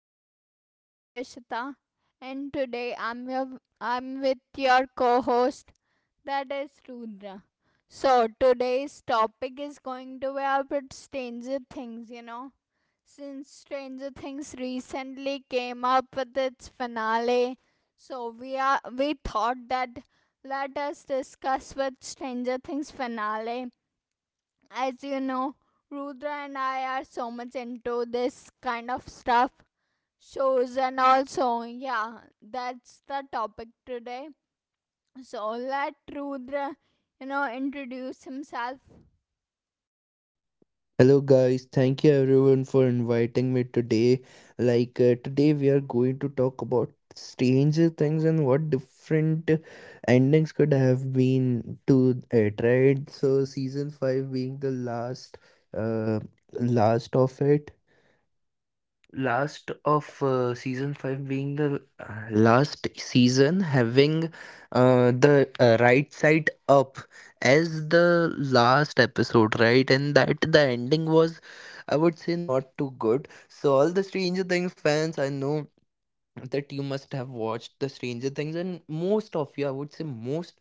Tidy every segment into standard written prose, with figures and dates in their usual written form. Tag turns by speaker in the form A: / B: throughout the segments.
A: I'm your host Prishita, and today I'm with your co host, that is Rudra. So, today's topic is going to be about Stranger Things. Since Stranger Things recently came up with its finale, so we thought that let us discuss with Stranger Things finale as you know, Rudra and I are so much into this kind of stuff, shows and also, yeah, that's the topic today. So let Rudra, introduce himself.
B: Hello guys, thank you everyone for inviting me today. Today we are going to talk about stranger things and what different endings could have been to it, right? So season 5 being the last uh last of it last of season 5 being the last season having the right side up as the last episode, right? And that the ending was, I would say, not too good. So all the stranger things fans, I know that you must have watched the stranger things, and most of you I would say most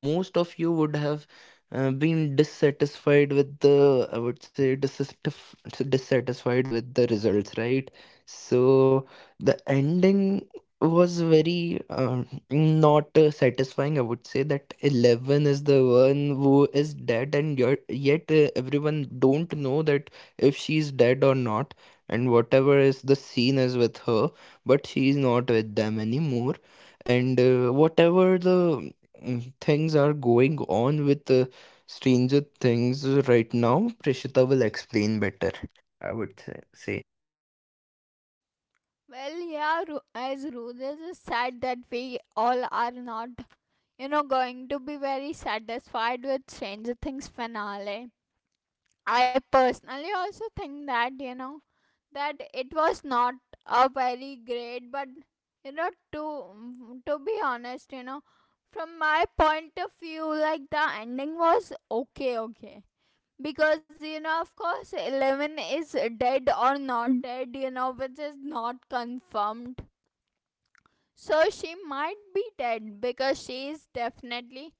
B: most of you would have been dissatisfied with the, I would say, dissatisfied with the results, right? So the ending was very not satisfying, I would say, that 11 is the one who is dead, and yet everyone don't know that if she's dead or not, and whatever is the scene is with her, but she's not with them anymore. And Whatever the things are going on with Stranger Things right now, Prishita will explain better, I would say.
A: Well, yeah, as Rudra just said that we all are not, going to be very satisfied with Stranger Things finale. I personally also think that it was not a very great but to be honest from my point of view, like the ending was okay, okay because of course 11 is dead or not dead, which is not confirmed. So she might be dead because she is definitely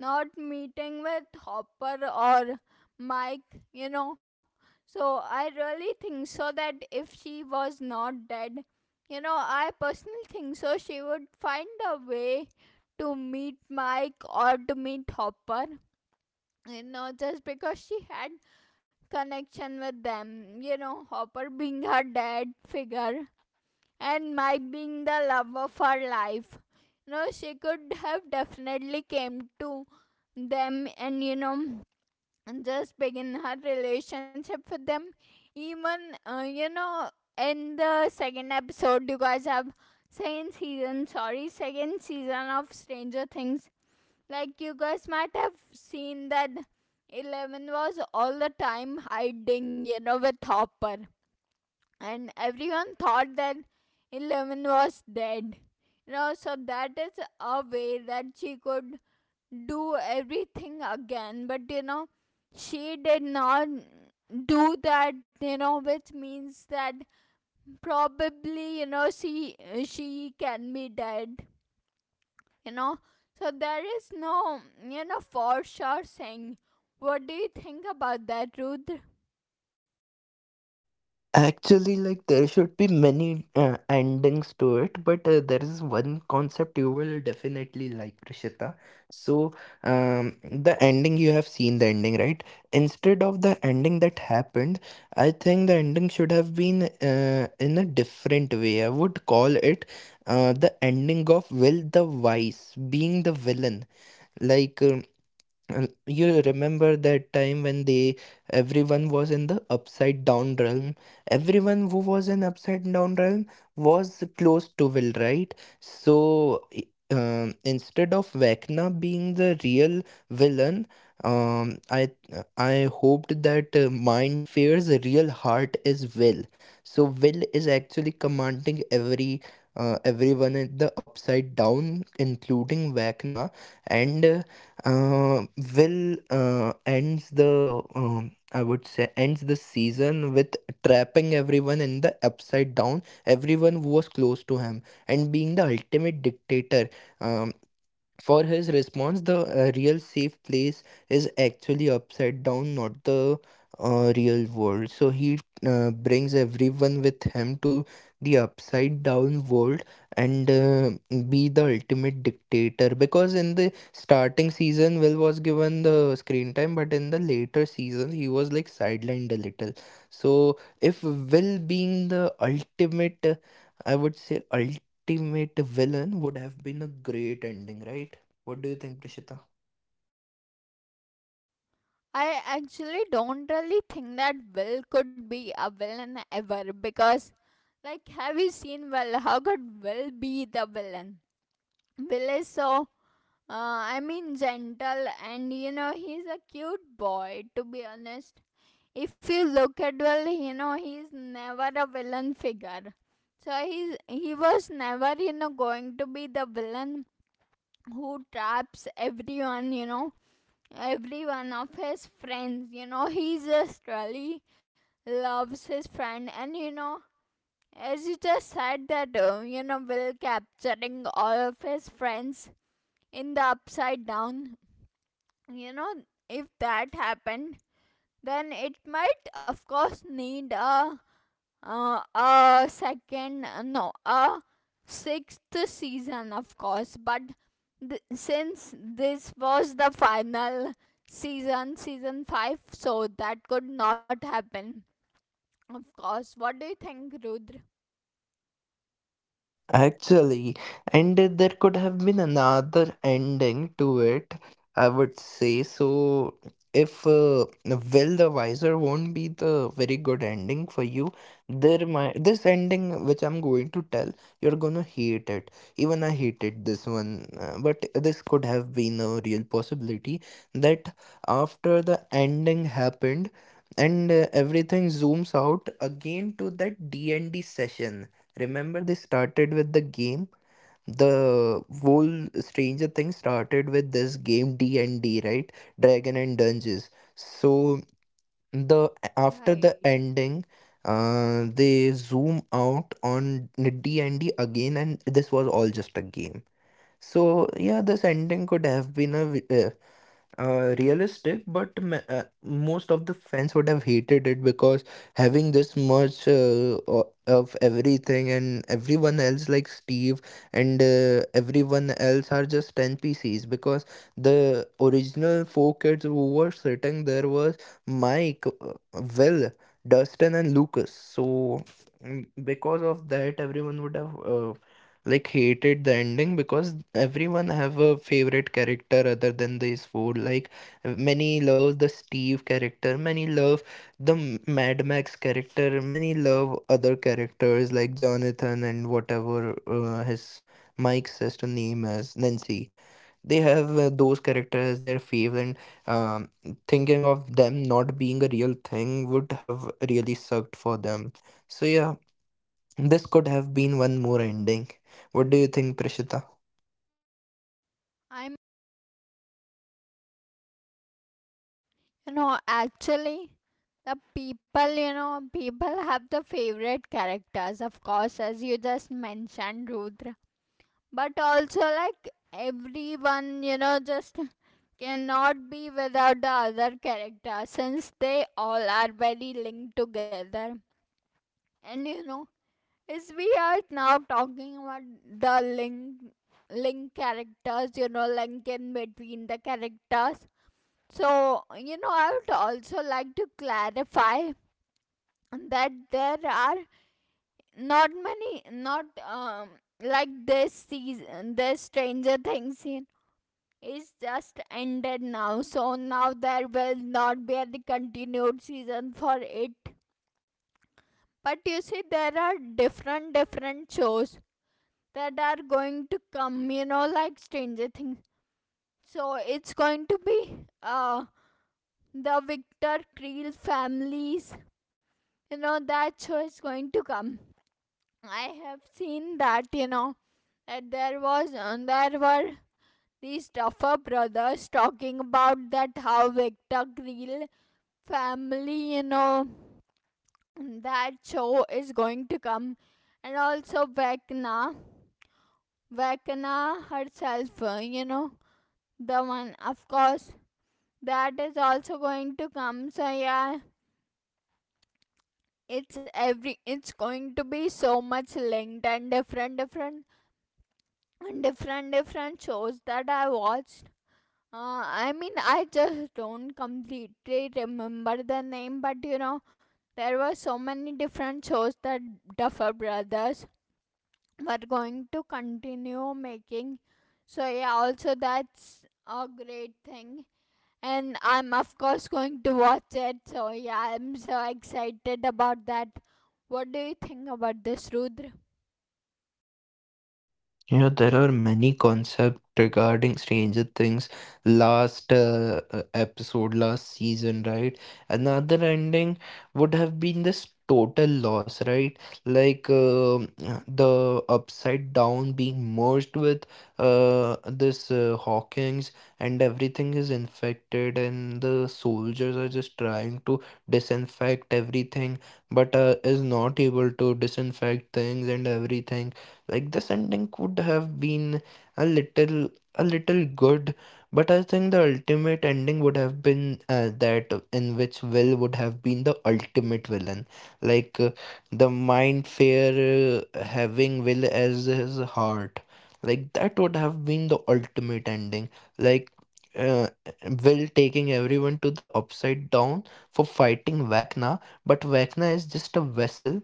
A: not meeting with Hopper or Mike. So I really think so that if she was not dead, I personally think so she would find a way to meet Mike or to meet Hopper. Just because she had connection with them, Hopper being her dad figure and Mike being the love of her life. She could have definitely came to them and just begin her relationship with them. Even in the second episode, you guys have second season. Sorry, second season of Stranger Things. Like you guys might have seen that 11 was all the time hiding, with Hopper and everyone thought that 11 was dead. So that is a way that she could do everything again. But she did not do that. Which means that probably she can be dead. You know, so there is no for sure saying. What do you think about that, Rudra?
B: Actually, like there should be many endings to it, but there is one concept you will definitely like, Rishita. So, the ending, you have seen the ending, right? Instead of the ending that happened, I think the ending should have been in a different way. I would call it the ending of Will the Wise being the villain. Like, um, and you remember that time when they everyone was in the upside down realm. Everyone who was in upside down realm was close to Will, right? So i- Instead of Vecna being the real villain, um, I I hoped that Mind Fear's real heart is Will. So Will is actually commanding everyone in the upside down, including Vecna and. uh, Will ends the I would say, ends the season with trapping everyone in the upside down, everyone who was close to him, and being the ultimate dictator. Um, for his response, the real safe place is actually upside down, not the real world. So he brings everyone with him to the upside down world, and be the ultimate dictator. Because in the starting season, Will was given the screen time, but in the later season, he was like sidelined a little. So if Will being the ultimate, I would say, ultimate villain, would have been a great ending, right? What do you think, Prishita?
A: I actually don't really think that Will could be a villain ever because, like, have you seen Will? How could Will be the villain? Will is so, I mean, gentle and he's a cute boy to be honest. If you look at Will, he's never a villain figure. So he was never, going to be the villain who traps everyone, every one of his friends. He just really loves his friend, and as you just said that Will capturing all of his friends in the upside down. You know, if that happened, then it might, of course, need a second, no, sixth season, of course. But since this was the final season, season five, so that could not happen, of course. What do you think, Rudra?
B: Actually, and there could have been another ending to it, I would say. So, if Will the Wiser won't be the very good ending for you, there might this ending which I'm going to tell, you're gonna hate it. Even I hated this one, but this could have been a real possibility that after the ending happened, and everything zooms out again to that D&D session. Remember, they started with the game. The whole Stranger Things started with this game D and D, right? Dragon and Dungeons. So the after the
A: Right.
B: ending, they zoom out on D and D again, and this was all just a game. So yeah, this ending could have been realistic, but most of the fans would have hated it because having this much of everything and everyone else, like Steve and everyone else, are just NPCs. Because the original four kids who were sitting there was Mike, Will, Dustin, and Lucas. So, because of that, everyone would have like hated the ending because everyone have a favorite character other than these four. Like many love the Steve character, many love the Mad Max character, many love other characters like Jonathan and whatever his Mike says to name as Nancy. They have those characters as their fave, and um, thinking of them not being a real thing would have really sucked for them. So yeah, this could have been one more ending. What do you think, Prishita?
A: I'm, actually, the people have the favorite characters, of course, as you just mentioned, Rudra. But also, like everyone just cannot be without the other character since they all are very linked together, and as we are now talking about the link characters, link in between the characters. So I would also like to clarify that there are not many, not like, this season this Stranger Things you is just ended now, so now there will not be any continued season for it. But you see, there are different different shows that are going to come. You know, like Stranger Things. So it's going to be the Victor Creel families. You know that show is going to come. I have seen that. You know that there was there were these tougher brothers talking about that how Victor Creel family, you know, that show is going to come. And also Vecna, Vecna herself, the one, of course, that is also going to come. So, yeah, it's going to be so much linked, and different, different shows that I watched. I mean, I just don't completely remember the name, but you know, there were so many different shows that Duffer Brothers were going to continue making. So, yeah, also that's a great thing. And I'm, of course, going to watch it. So, yeah, I'm so excited about that. What do you think about this, Rudra?
B: You know, there are many concepts regarding Stranger Things last episode, last season, right? Another ending would have been this total loss, right? Like the upside down being merged with this Hawkins, and everything is infected, and the soldiers are just trying to disinfect everything, but is not able to disinfect things and everything. Like the ending could have been a little a little good, but I think the ultimate ending would have been that in which Will would have been the ultimate villain. Like uh, the mind fair having Will as his heart. Like that would have been the ultimate ending. Like uh, Will taking everyone to the upside down for fighting Vecna, but Vecna is just a vessel,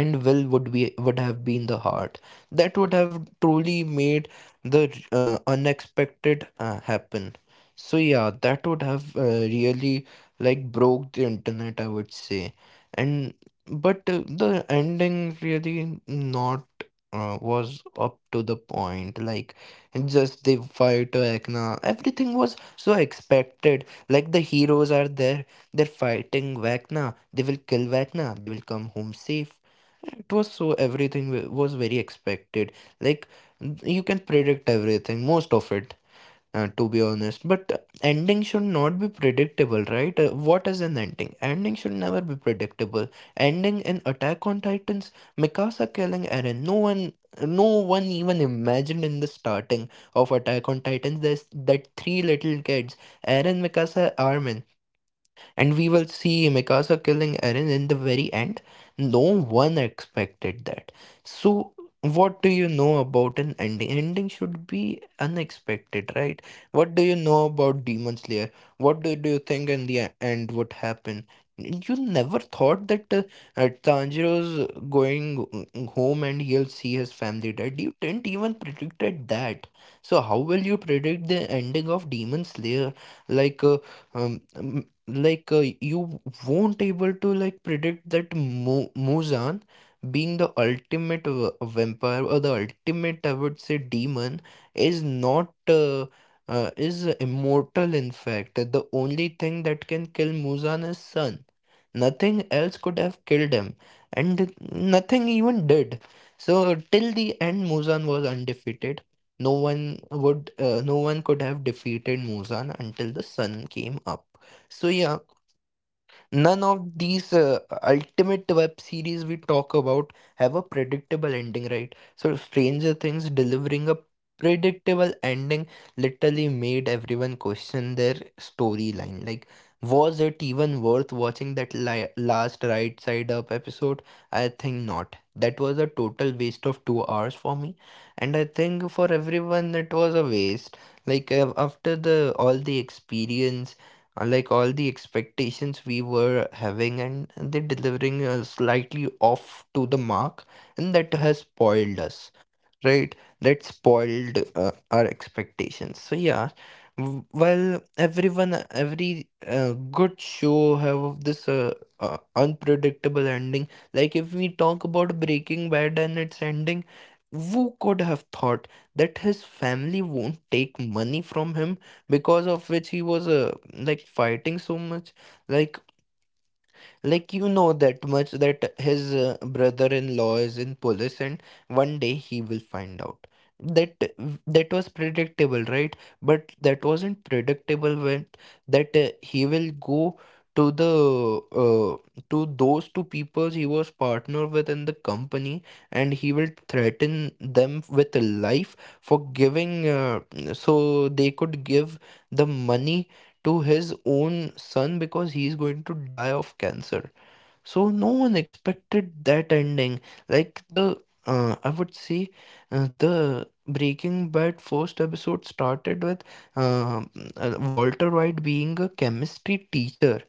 B: and will would be would have been the heart that would have truly made the unexpected happen. So yeah, that would have really like broke the internet, I would say. And but uh, the ending really not was up to the point. Like just the fight to Ekna, everything was so expected. Like the heroes are there, they're fighting Vecna, they will kill Vecna, they will come home safe. It was so everything was very expected. Like you can predict everything, most of it, to be honest. But ending should not be predictable, right? What is an ending? Ending should never be predictable. Ending in Attack on Titans, Mikasa killing Eren. No one even imagined in the starting of Attack on Titans there's that three little kids, Eren, Mikasa, Armin. And we will see Mikasa killing Eren in the very end. No one expected that. So, what do you know about an ending? Ending should be unexpected, right? What do you know about Demon Slayer? What do you think in the end would happen? You never thought that Tanjiro's going home and he'll see his family dead. You didn't even predicted that. So how will you predict the ending of Demon Slayer? Like uh, um, you won't able to like predict that Muzan being the ultimate vampire or the ultimate, I would say, demon is not is immortal. In fact, the only thing that can kill Muzan is sun. Nothing else could have killed him, and nothing even did. So till the end, Muzan was undefeated. No one could have defeated Muzan until the sun came up. So yeah, none of these ultimate web series we talk about have a predictable ending, right? So, Stranger Things delivering a predictable ending literally made everyone question their storyline. Like, was it even worth watching that last Right Side Up episode? I think not. That was a total waste of 2 hours for me, and I think for everyone it was a waste. After the all the experience, like all the expectations we were having, and they're delivering slightly off to the mark, and that has spoiled us, right? That spoiled our expectations. So yeah, while every good show have this unpredictable ending. Like if we talk about Breaking Bad and its ending, who could have thought that his family won't take money from him, because of which he was like fighting so much. Like like you know that much that his brother-in-law is in police, and one day he will find out. That that was predictable, right? But that wasn't predictable when that he will go to the to those two people he was partner with in the company, and he will threaten them with life for giving so they could give the money to his own son, because he is going to die of cancer. So no one expected that ending. Like the I would say, the Breaking Bad first episode started with um, Walter White being a chemistry teacher,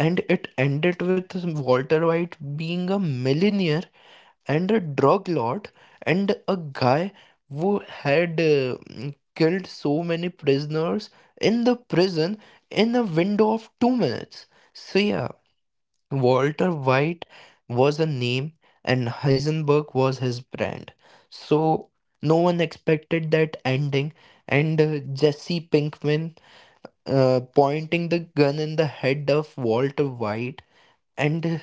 B: and it ended with Walter White being a millionaire and a drug lord and a guy who had killed so many prisoners in the prison in a window of 2 minutes. So yeah, Walter White was a name and Heisenberg was his brand. So no one expected that ending. And Jesse Pinkman pointing the gun in the head of Walter White, and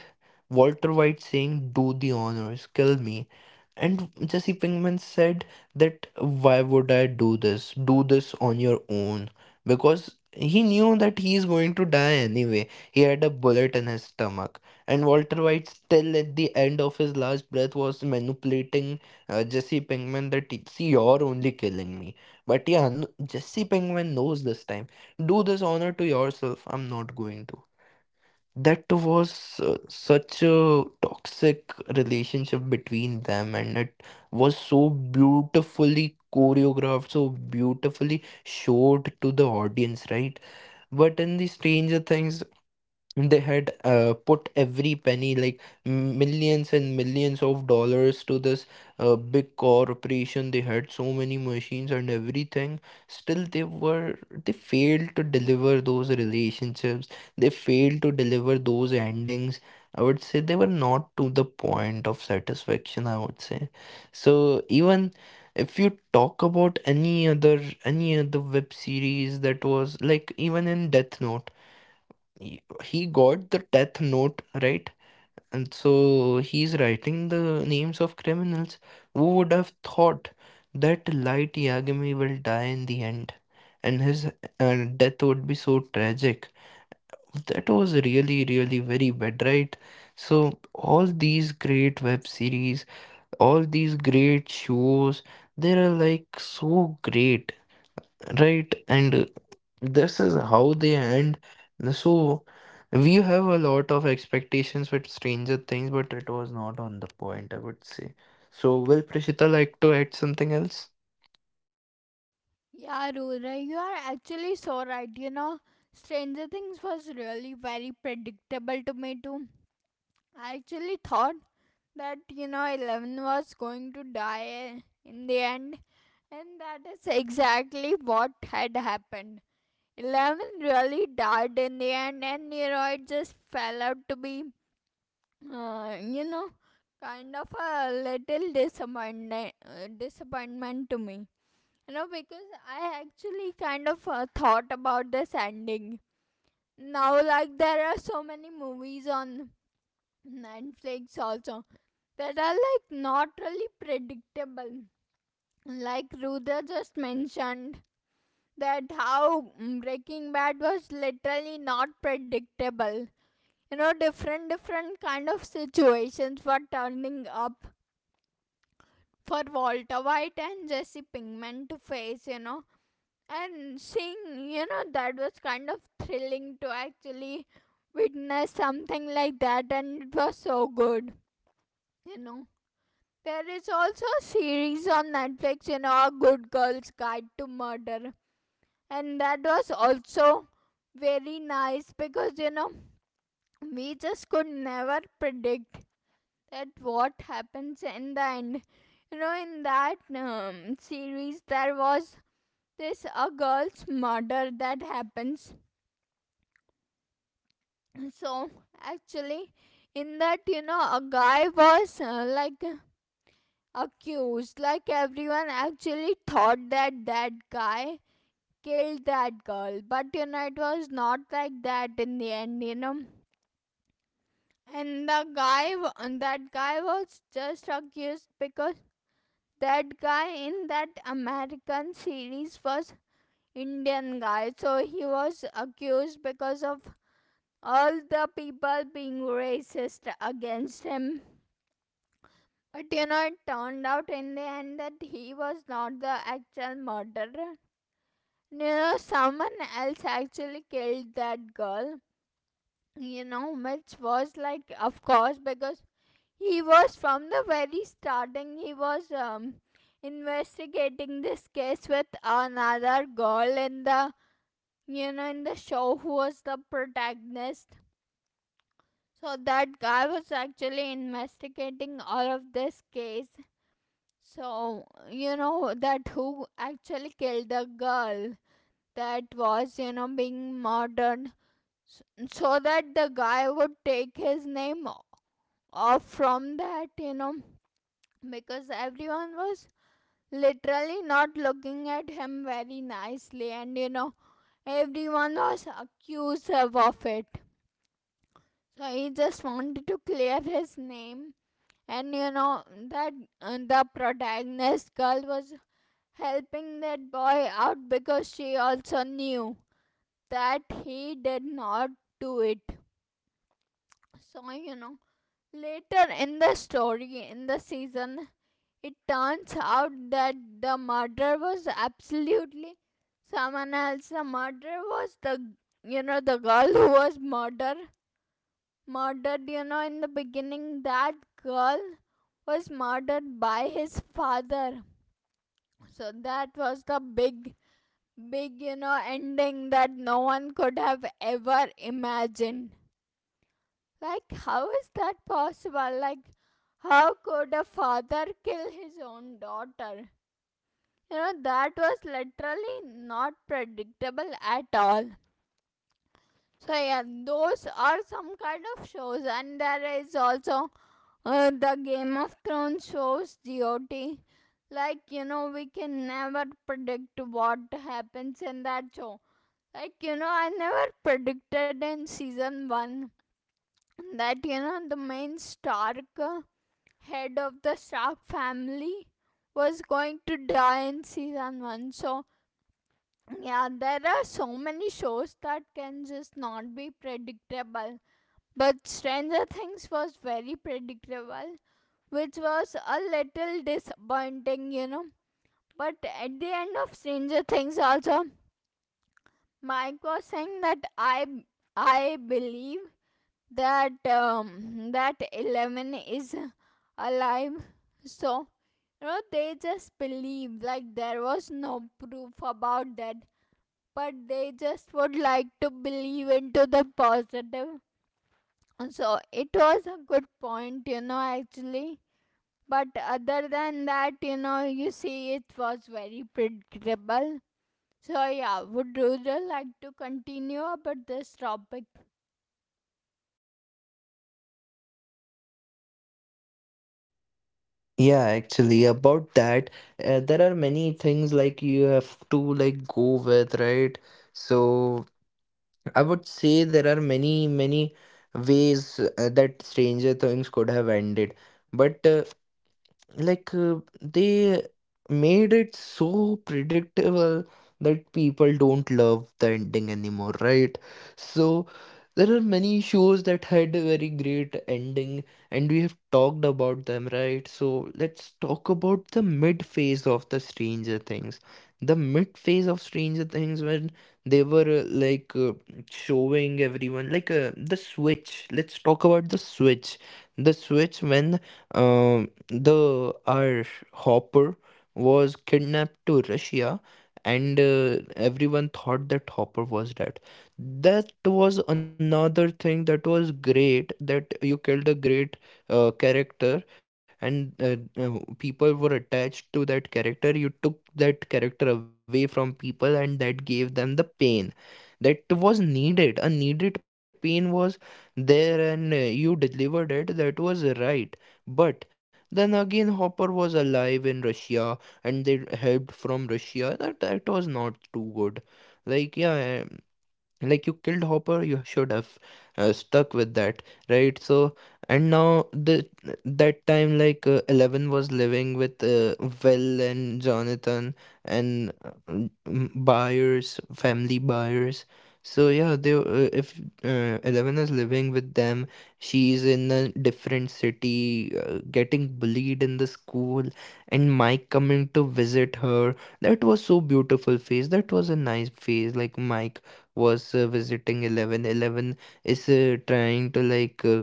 B: Walter White saying, "Do the honors, kill me." And Jesse Pinkman said that, "Why would I do this? Do this on your own." Because he knew that he is going to die anyway. He had a bullet in his stomach. And Walter White, still at the end of his last breath, was manipulating Jesse Pinkman that, "See, you're only killing me." But yeah, Jesse Pinkman knows this time. Do this honor to yourself. I'm not going to that was such a toxic relationship between them, and it was so beautifully choreographed, so beautifully showed to the audience, right? But in the Stranger Things, they had put every penny, like millions and millions of dollars, to this big corporation. They had so many machines and everything. Still, they failed to deliver those relationships. They failed to deliver those endings. I would say they were not to the point of satisfaction, I would say so. Even if you talk about any other web series, that was like. Even in Death Note, he he got the death note, right? And so he's writing the names of criminals. Who would have thought that Light Yagami will die in the end, and his uh, death would be so tragic? That was really, really very bad, right? So all these great web series, all these great shows, they are like so great, right? And this is how they end. So we have a lot of expectations with Stranger Things, but it was not on the point, I would say. So, will Prishita like to add something else?
A: Yeah, Rudra, you are actually so right. You know, Stranger Things was really very predictable to me too. I actually thought that you know 11 was going to die in the end, and that is exactly what had happened. 11 really died in the end, and you know it just fell out to be, uh, you know, kind of a little disappointment to me. You know, because I actually kind of thought about this ending. Now, like there are so many movies on Netflix also that are like not really predictable. Like Rudra just mentioned that how Breaking Bad was literally not predictable. You know, different different kind of situations were turning up for Walter White and Jesse Pinkman to face. You know, and seeing you know that was kind of thrilling to actually witness something like that, and it was so good. You know, there is also a series on Netflix, you know, A Good Girl's Guide to Murder. And that was also very nice because, you know, we just could never predict that what happens in the end. In that series, there was this a girl's murder that happens. So, actually, in that, you know, a guy was, like accused. Like everyone actually thought that that guy killed that girl, but you know it was not like that in the end. You know, and the that guy was just accused because that guy in that American series was Indian guy, so he was accused because of all the people being racist against him. But you know, it turned out in the end that he was not the actual murderer. You know, someone else actually killed that girl. You know, which was like, of course, because he was from the very starting, he was investigating this case with another girl in the show who was the protagonist. So that guy was actually investigating all of this case. So, you know, that who actually killed the girl that was, you know, being murdered s- so that the guy would take his off from that, you know, because everyone was literally not looking at him very nicely and, you know, everyone was accusive of it. So he just wanted to clear his name. And you know that the protagonist girl was helping that boy out because she also knew that he did not do it. So, you know, later in the story, in the season, it turns out that the murder was absolutely someone else. The murder was the girl who was murdered. Murdered, you know, in the beginning, that girl was murdered by his father. So that was the big, big, you know, ending that no one could have ever imagined. Like, how is that possible? Like, how could a father kill his own daughter? You know, that was literally not predictable at all. So yeah, those are some kind of shows, and there is also the Game of Thrones shows, GOT. Like you know, we can never predict what happens in that show. Like you know, I never predicted in season one that you know the main Stark, head of the Stark family, was going to die in season one. So yeah, there are so many shows that can just not be predictable. But Stranger Things was very predictable, which was a little disappointing, you know. But at the end of Stranger Things, also, Mike was saying that I believe that that 11 is alive. So you know they just believe like there was no proof about that, but they just would like to believe into the positive, so it was a good point, you know, actually. But other than that, you know, you see, it was very predictable. So yeah, would rural like to continue about this topic?
B: Yeah, actually, about that, there are many things like you have to like go with, right? So I would say there are many, many ways that Stranger Things could have ended. But like uh, they made it so predictable that people don't love the ending anymore, right? So there are many shows that had a very great ending, and we have talked about them, right? So let's talk about the mid phase of the Stranger Things. The mid phase of Stranger Things, when they were showing everyone like, the switch. Let's talk about the switch. The switch, when um the our Hopper was kidnapped to Russia, and everyone thought that Hopper was dead. That was another thing that was great, that you killed a great character, and people were attached to that character. You took that character away from people, and that gave them the pain that was needed. A needed pain was there, and you delivered it. That was right. But then again, Hopper was alive in Russia, and they helped from Russia. That that was not too good. Like, yeah, like you killed Hopper, you should have stuck with that, right? So, and now the that time, like, 11 was living with Will and Jonathan, and m- buyers family Byers So yeah, they if 11 is living with them. She's in a different city, getting bullied in the school, and Mike coming to visit her, that was so beautiful phase. That was a nice phase. Like, Mike was visiting 11. 11 is trying to like uh,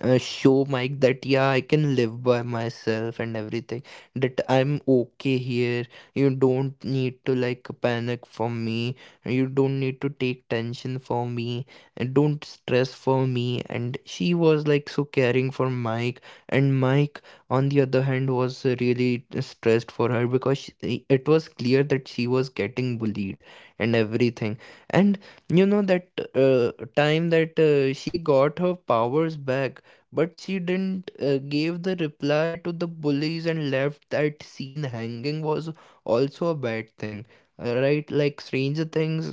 B: uh, show Mike that, yeah, I can live by myself and everything, that I'm okay here. You don't need to like panic for me, you don't need to take tension for me and don't stress for me. And she was like so caring for Mike. And Mike, on the other hand, was really stressed for her, because it was clear that she was getting bullied and everything. And you know, that time that she got her powers back, but she didn't gave the reply to the bullies, and left that scene hanging, was also a bad thing, right? Like, Stranger Things,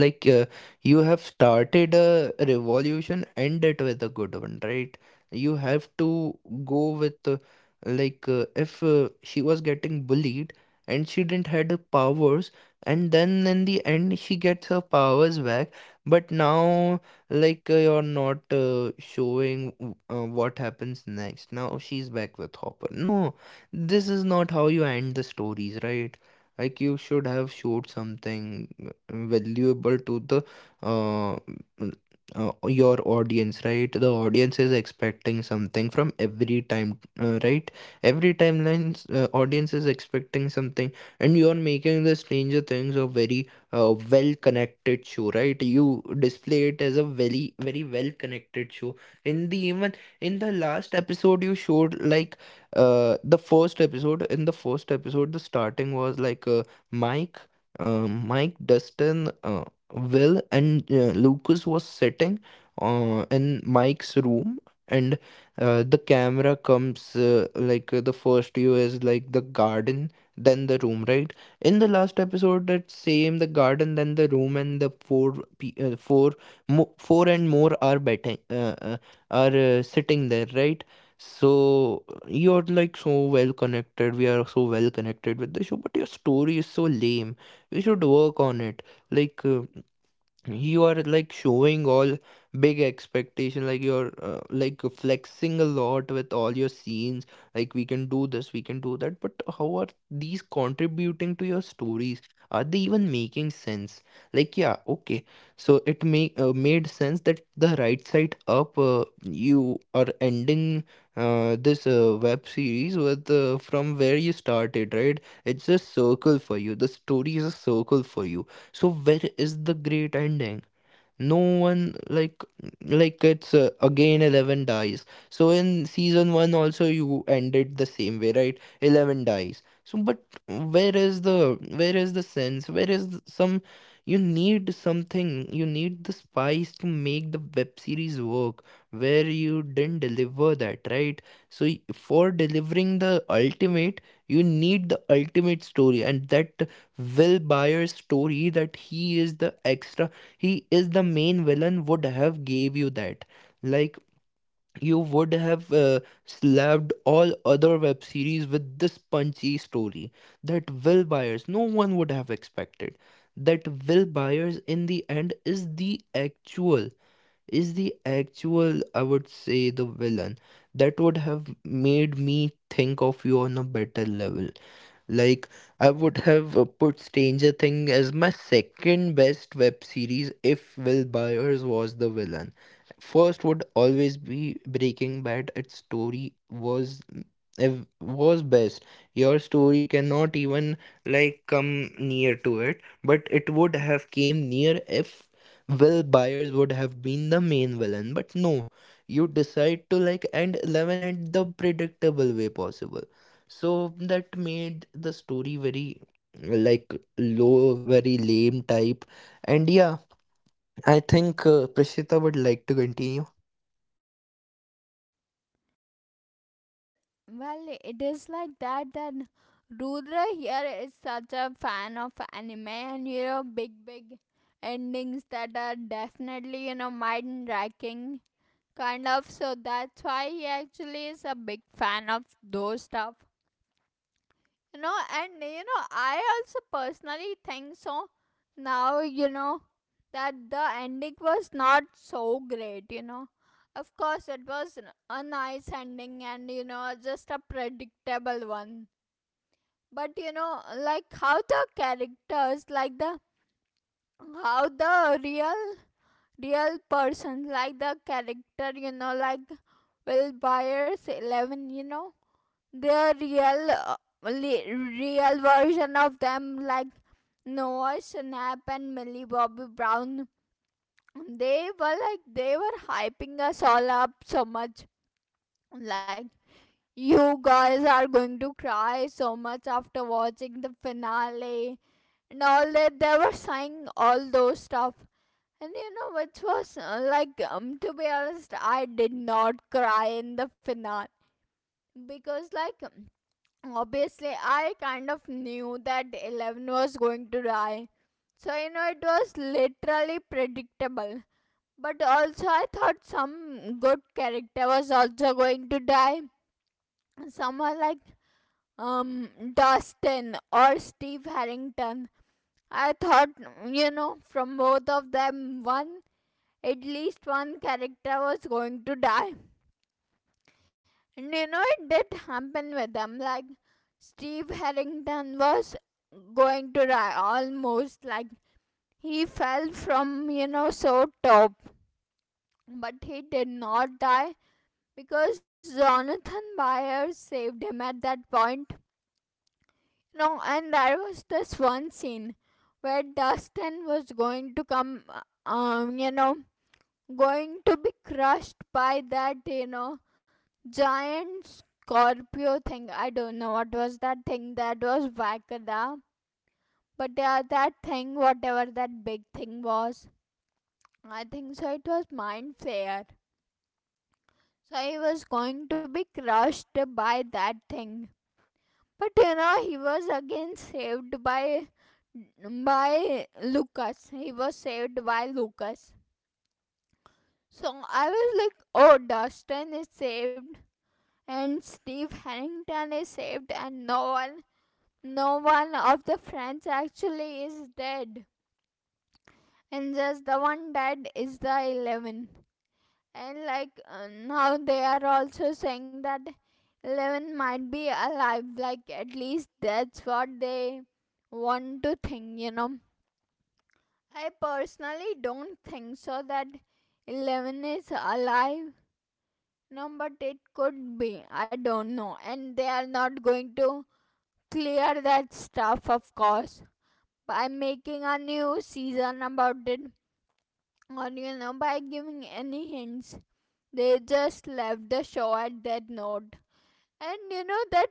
B: like uh, you have started a revolution, end it with a good one, right? You have to go with, if she was getting bullied and she didn't had the powers, and then in the end she gets her powers back, but now, you're not showing what happens next. Now she's back with Hopper. No, this is not how you end the stories, right? Like, you should have showed something valuable to the uh, your audience, right? The audience is expecting something from every time, right? Every timelines, audience is expecting something, and you are making the Stranger Things a very well connected show, right? You display it as a very, very well connected show. in the even in the last episode, you showed like the first episode. In the first episode, the starting was like, Mike Mike, Dustin, Will, and Lucas was sitting in Mike's room, and the camera comes the first view is like the garden, then the room, right? In the last episode, that same the garden, then the room, and the four four and more are betting are sitting there, right? So, you're like so well connected. We are so well connected with the show, but your story is so lame. We should work on it. like uh, you are like showing all big expectation, like you're like flexing a lot with all your scenes, like we can do this, we can do that. But how are these contributing to your stories? Are they even making sense? Like, yeah, okay, so it make made sense that the right side up, you are ending this web series with, from where you started, right? It's a circle for you, the story is a circle for you. So, where is the great ending? No one, like, it's again 11 dies. So, in season 1 also you ended the same way, right? 11 dies. So, but where is, the where is the sense, where is some. You need something, you need the spice to make the web series work, where you didn't deliver that, right? So, for delivering the ultimate, you need the ultimate story. And that Will Byers story, that he is the extra, he is the main villain, would have gave you that. Like, you would have slapped all other web series with this punchy story. That Will Byers, no one would have expected that Will Byers in the end is the actual, I would say, the villain. That would have made me think of you on a better level. Like, I would have put Stranger Thing as my second best web series if Will Byers was the villain. First would always be Breaking Bad. Its story was was best. Your story cannot even like come near to it, but it would have came near if Will Byers would have been the main villain. But no, you decide to like end 11 in the predictable way possible, so that made the story very, like, low, very lame type. And yeah, I think Prishita would like to continue.
A: Well well, it is like that that rudra here is such a fan of anime, and you know, big big endings that are definitely, you know, mind racking kind of, so that's why he actually is a big fan of those stuff, you know. And you know, I also personally think so now, you know, that the ending was not so great, you know. Of course, it was a nice ending, and you know, just a predictable one. But you know, like how the characters, like the, how the real person, like the character, you know, like will Byers, 11, you know, their le- real version of them, like Noah Snap and Millie Bobby Brown. They were like, they were hyping us all up so much. Like, you guys are going to cry so much after watching the finale and all that. They were saying all those stuff. And you know, which was like, to be honest, I did not cry in the finale because like, obviously I kind of knew that 11 was going to die, so you know, it was literally predictable. But also, I thought some good character was also going to die, someone like, um Dustin or Steve Harrington. I thought, you know, from both of them one, at least one character, was going to die. And you know, it did happen with them. Like, Steve Harrington was going to die almost. Like, he fell from, you know, so top. But he did not die because Jonathan Byers saved him at that point. No, and there was this one scene where Dustin was going to come, you know, going to be crushed by that, you know, giant Scorpio thing. I don't know what was that thing, that was Vakada. But yeah, that thing, whatever that big thing was, I think so it was Mind Flayer. So he was going to be crushed by that thing. But you know, he was again saved by Lucas. He was saved by Lucas. So I was like, oh, Dustin is saved and Steve Harrington is saved, and no one of the friends actually is dead, and just the one dead is the 11. And like now, they are also saying that 11 might be alive, like at least that's what they want to think, you know. I personally don't think so that 11 is alive, no, but it could be, I don't know, and they are not going to clear that stuff, of course. By making a new season about it, or you know, by giving any hints. They just left the show at that note, and you know that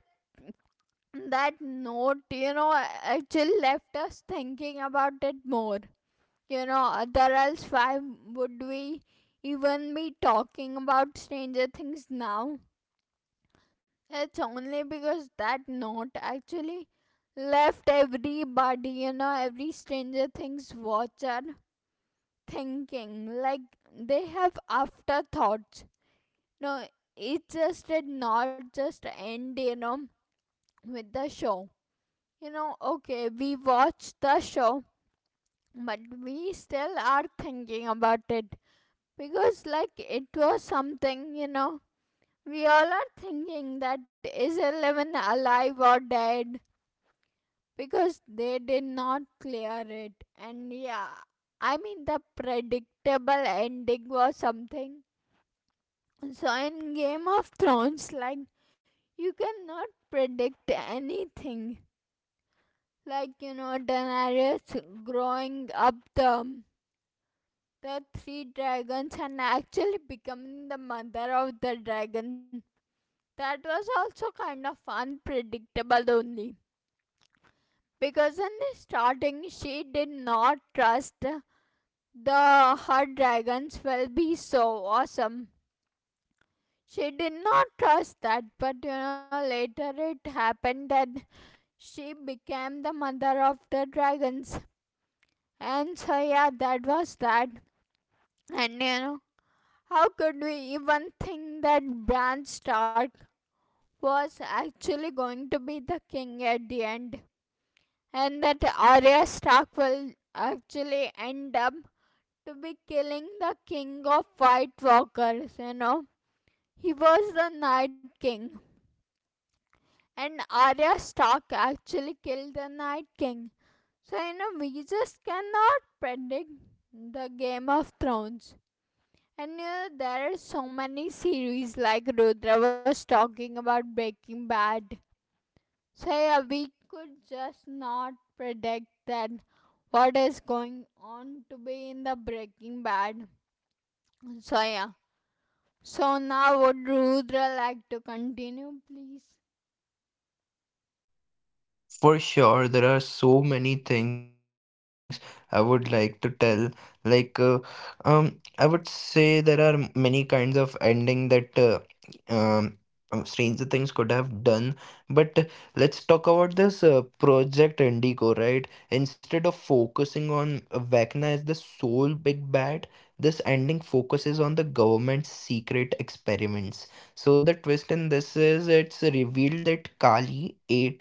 A: that note, you know, actually left us thinking about it more. You know, otherwise, why would we even be talking about Stranger Things now? It's only because that note actually left everybody, you know, every Stranger Things watcher thinking like they have afterthoughts. No, it just did not just end, you know, with the show. You know, okay, we watched the show, but we still are thinking about it, because like, it was something, you know. We all are thinking that is 11 alive or dead, because they did not clear it. And yeah, I mean, the predictable ending was something. So in Game of Thrones, like, you cannot predict anything. Like you know, Daenerys growing up the three dragons and actually becoming the mother of the dragon. That was also kind of unpredictable only because in the starting she did not trust the her dragons will be so awesome. She did not trust that, but you know, later it happened, and she became the mother of the dragons. And so, yeah, that was that. And you know, how could we even think that Bran Stark was actually going to be the king at the end? And that Arya Stark will actually end up to be killing the king of White Walkers, you know? He was the Night King. And Arya Stark actually killed the Night King. So, you know, we just cannot predict the Game of Thrones. And you know, there are so many series, like Rudra was talking about Breaking Bad. So, yeah, we could just not predict that what is going on to be in the Breaking Bad. So, yeah. So, now would Rudra like to continue, please?
B: For sure, there are so many things I would like to tell. Like, uh, I would say there are many kinds of ending that um, Stranger Things could have done. But let's talk about this Project Indigo, right? Instead of focusing on Vecna as the sole big bad, this ending focuses on the government's secret experiments. So, the twist in this is, it's revealed that Kali, a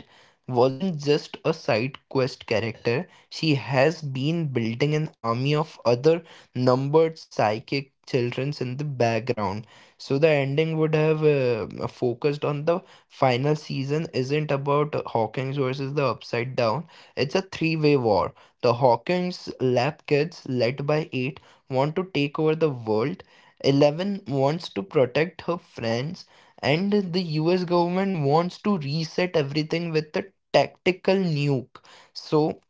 B: wasn't just a side quest character. She has been building an army of other numbered psychic childrens in the background. So, the ending would have focused on the final season isn't about Hawkins versus the Upside Down, it's a three-way war. The Hawkins lab kids, led by 8, want to take over the world. 11 wants to protect her friends, and the US government wants to reset everything with the tactical nuke. So,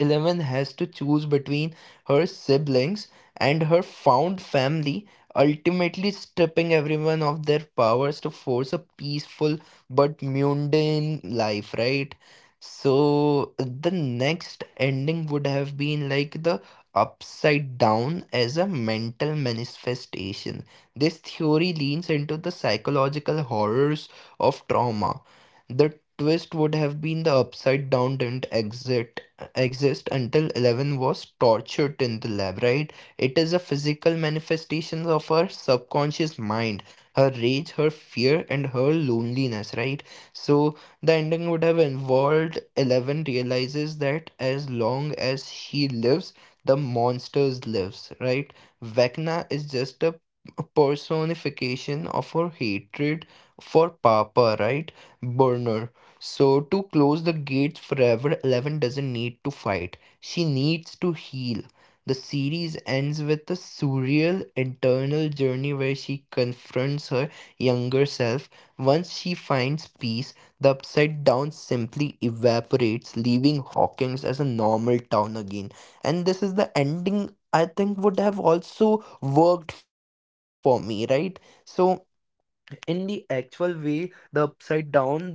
B: 11 has to choose between her siblings and her found family, ultimately stripping everyone of their powers to force a peaceful but mundane life, right? So, the next ending would have been like the upside down as a mental manifestation. This theory leans into the psychological horrors of trauma. The twist would have been the upside down didn't exist until 11 was tortured in the lab, right? It is a physical manifestation of her subconscious mind, her rage, her fear, and her loneliness, right? So, the ending would have involved 11 realizes that as long as she lives, the monsters lives, right? Vecna is just a personification of her hatred for Papa, right? Burner. So, to close the gates forever, 11 doesn't need to fight, she needs to heal. The series ends with a surreal internal journey where she confronts her younger self. Once she finds peace, the upside down simply evaporates, leaving Hawkins as a normal town again. And this is the ending I think would have also worked for me, right? So, in the actual way, the upside down, uh,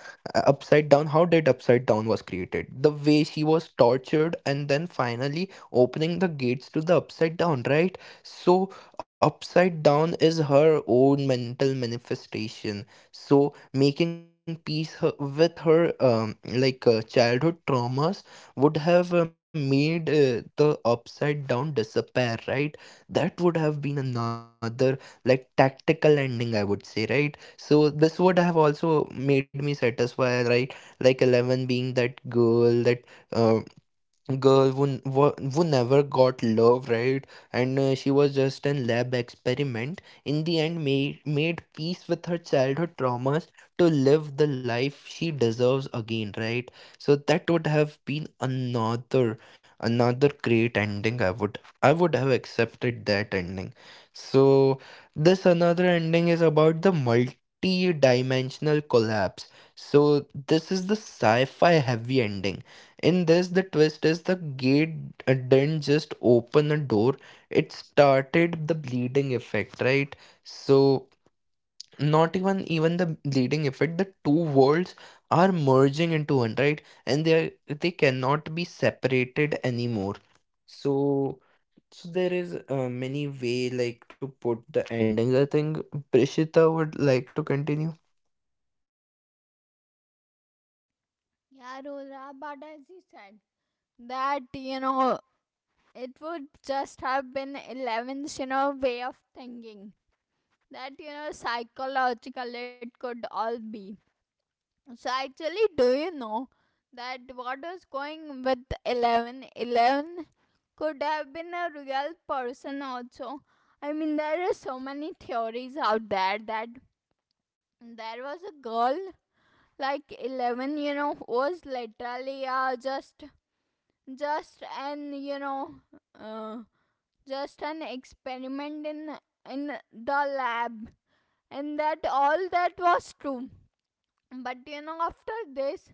B: uh, upside down, how did upside down was created, the way she was tortured and then finally opening the gates to the upside down, right? So, upside down is her own mental manifestation. So, making peace with her childhood traumas would have made the upside down disappear, right? That would have been another, like, tactical ending, I would say, right? So, this would have also made me satisfied, right? Like, 11 being that girl, that uh, girl who, who never got love, right? And she was just an lab experiment. In the end, made peace with her childhood traumas to live the life she deserves again, right? So, that would have been another, another great ending. I would, I would have accepted that ending. So, this another ending is about the multi-dimensional collapse. So, this is the sci-fi heavy ending. In this, the twist is the gate didn't just open the door, it started the bleeding effect, right? So, not even the bleeding effect, the two worlds are merging into one, right? And they are, they cannot be separated anymore. So, so there is many way like to put the ending. I think Prishita would like to continue.
A: Yeah, Rudra, but as he said, that you know, it would just have been 11th, you know, way of thinking, that you know, psychological, it could all be. So actually, do you know that what was going with 11 could have been a real person also? I mean, there are so many theories out there that there was a girl like 11, you know, who was literally just an you know uh, just an experiment in the lab, and that all that was true. But you know, after this,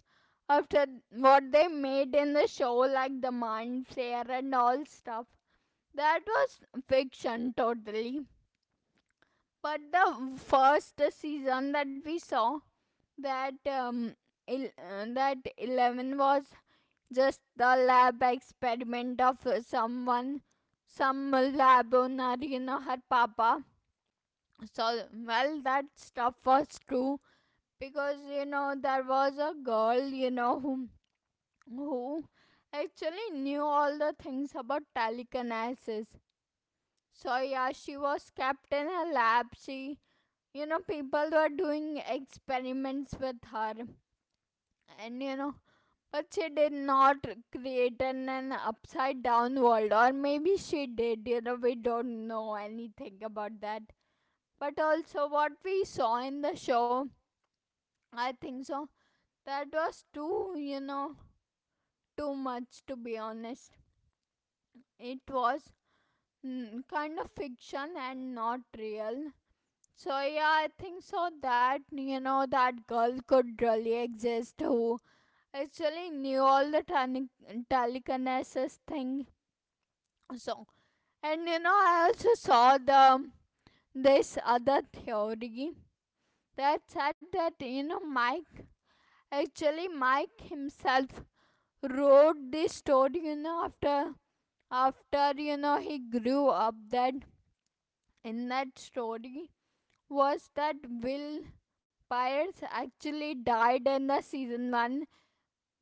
A: after what they made in the show like the mind flare and all stuff, that was fiction, totally. But the first season that we saw, that that 11 was just the lab experiment of someone, some lab owner, you know, her papa. So, well, that stuff was true because you know, there was a girl, you know, who actually knew all the things about telekinesis. So yeah, she was kept in a lab. She, you know, people were doing experiments with her, and you know. But she did not create an upside down world, or maybe she did, you know, we don't know anything about that. But also, what we saw in the show, I think so. That was too, you know, too much, to be honest. It was kind of fiction and not real. So yeah, I think so that you know that girl could really exist, who actually knew all the telekinesis thing. So and you know, I also saw the this other theory that said that you know, Mike, actually Mike himself wrote this story, you know, after you know he grew up, that in that story was that will pirates actually died in the season 1,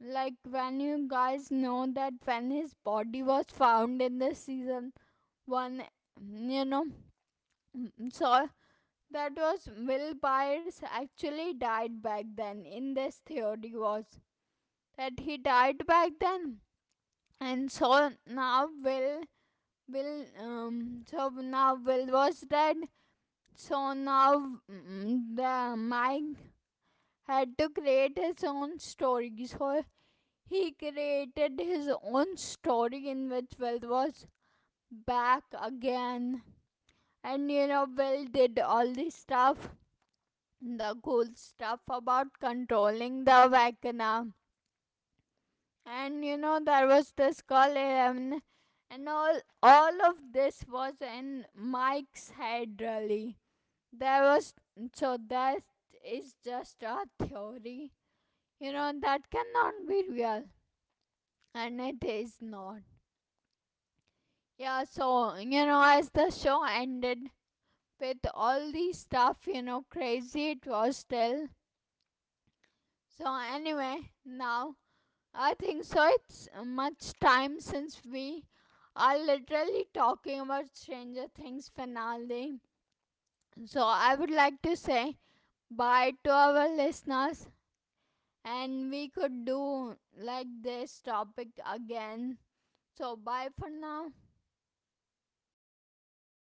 A: like when you guys know that when his body was found in the season 1, you know. So that was, will pirates actually died back then. In this theory was that he died back then, and so now Will so now Will was dead. So now, the Mike had to create his own story. So he created his own story in which Will was back again. And you know, Will did all this stuff, the cool stuff about controlling the Vecna. And you know, there was this call 11, and all of this was in Mike's head really. There was, so that is just a theory. You know that cannot be real, and it is not. Yeah. So you know, as the show ended with all the stuff, you know, crazy it was still. So anyway, now I think so, it's much time since we are literally talking about Stranger Things finale. So I would like to say bye to our listeners, and we could do like this topic again. So, bye for now.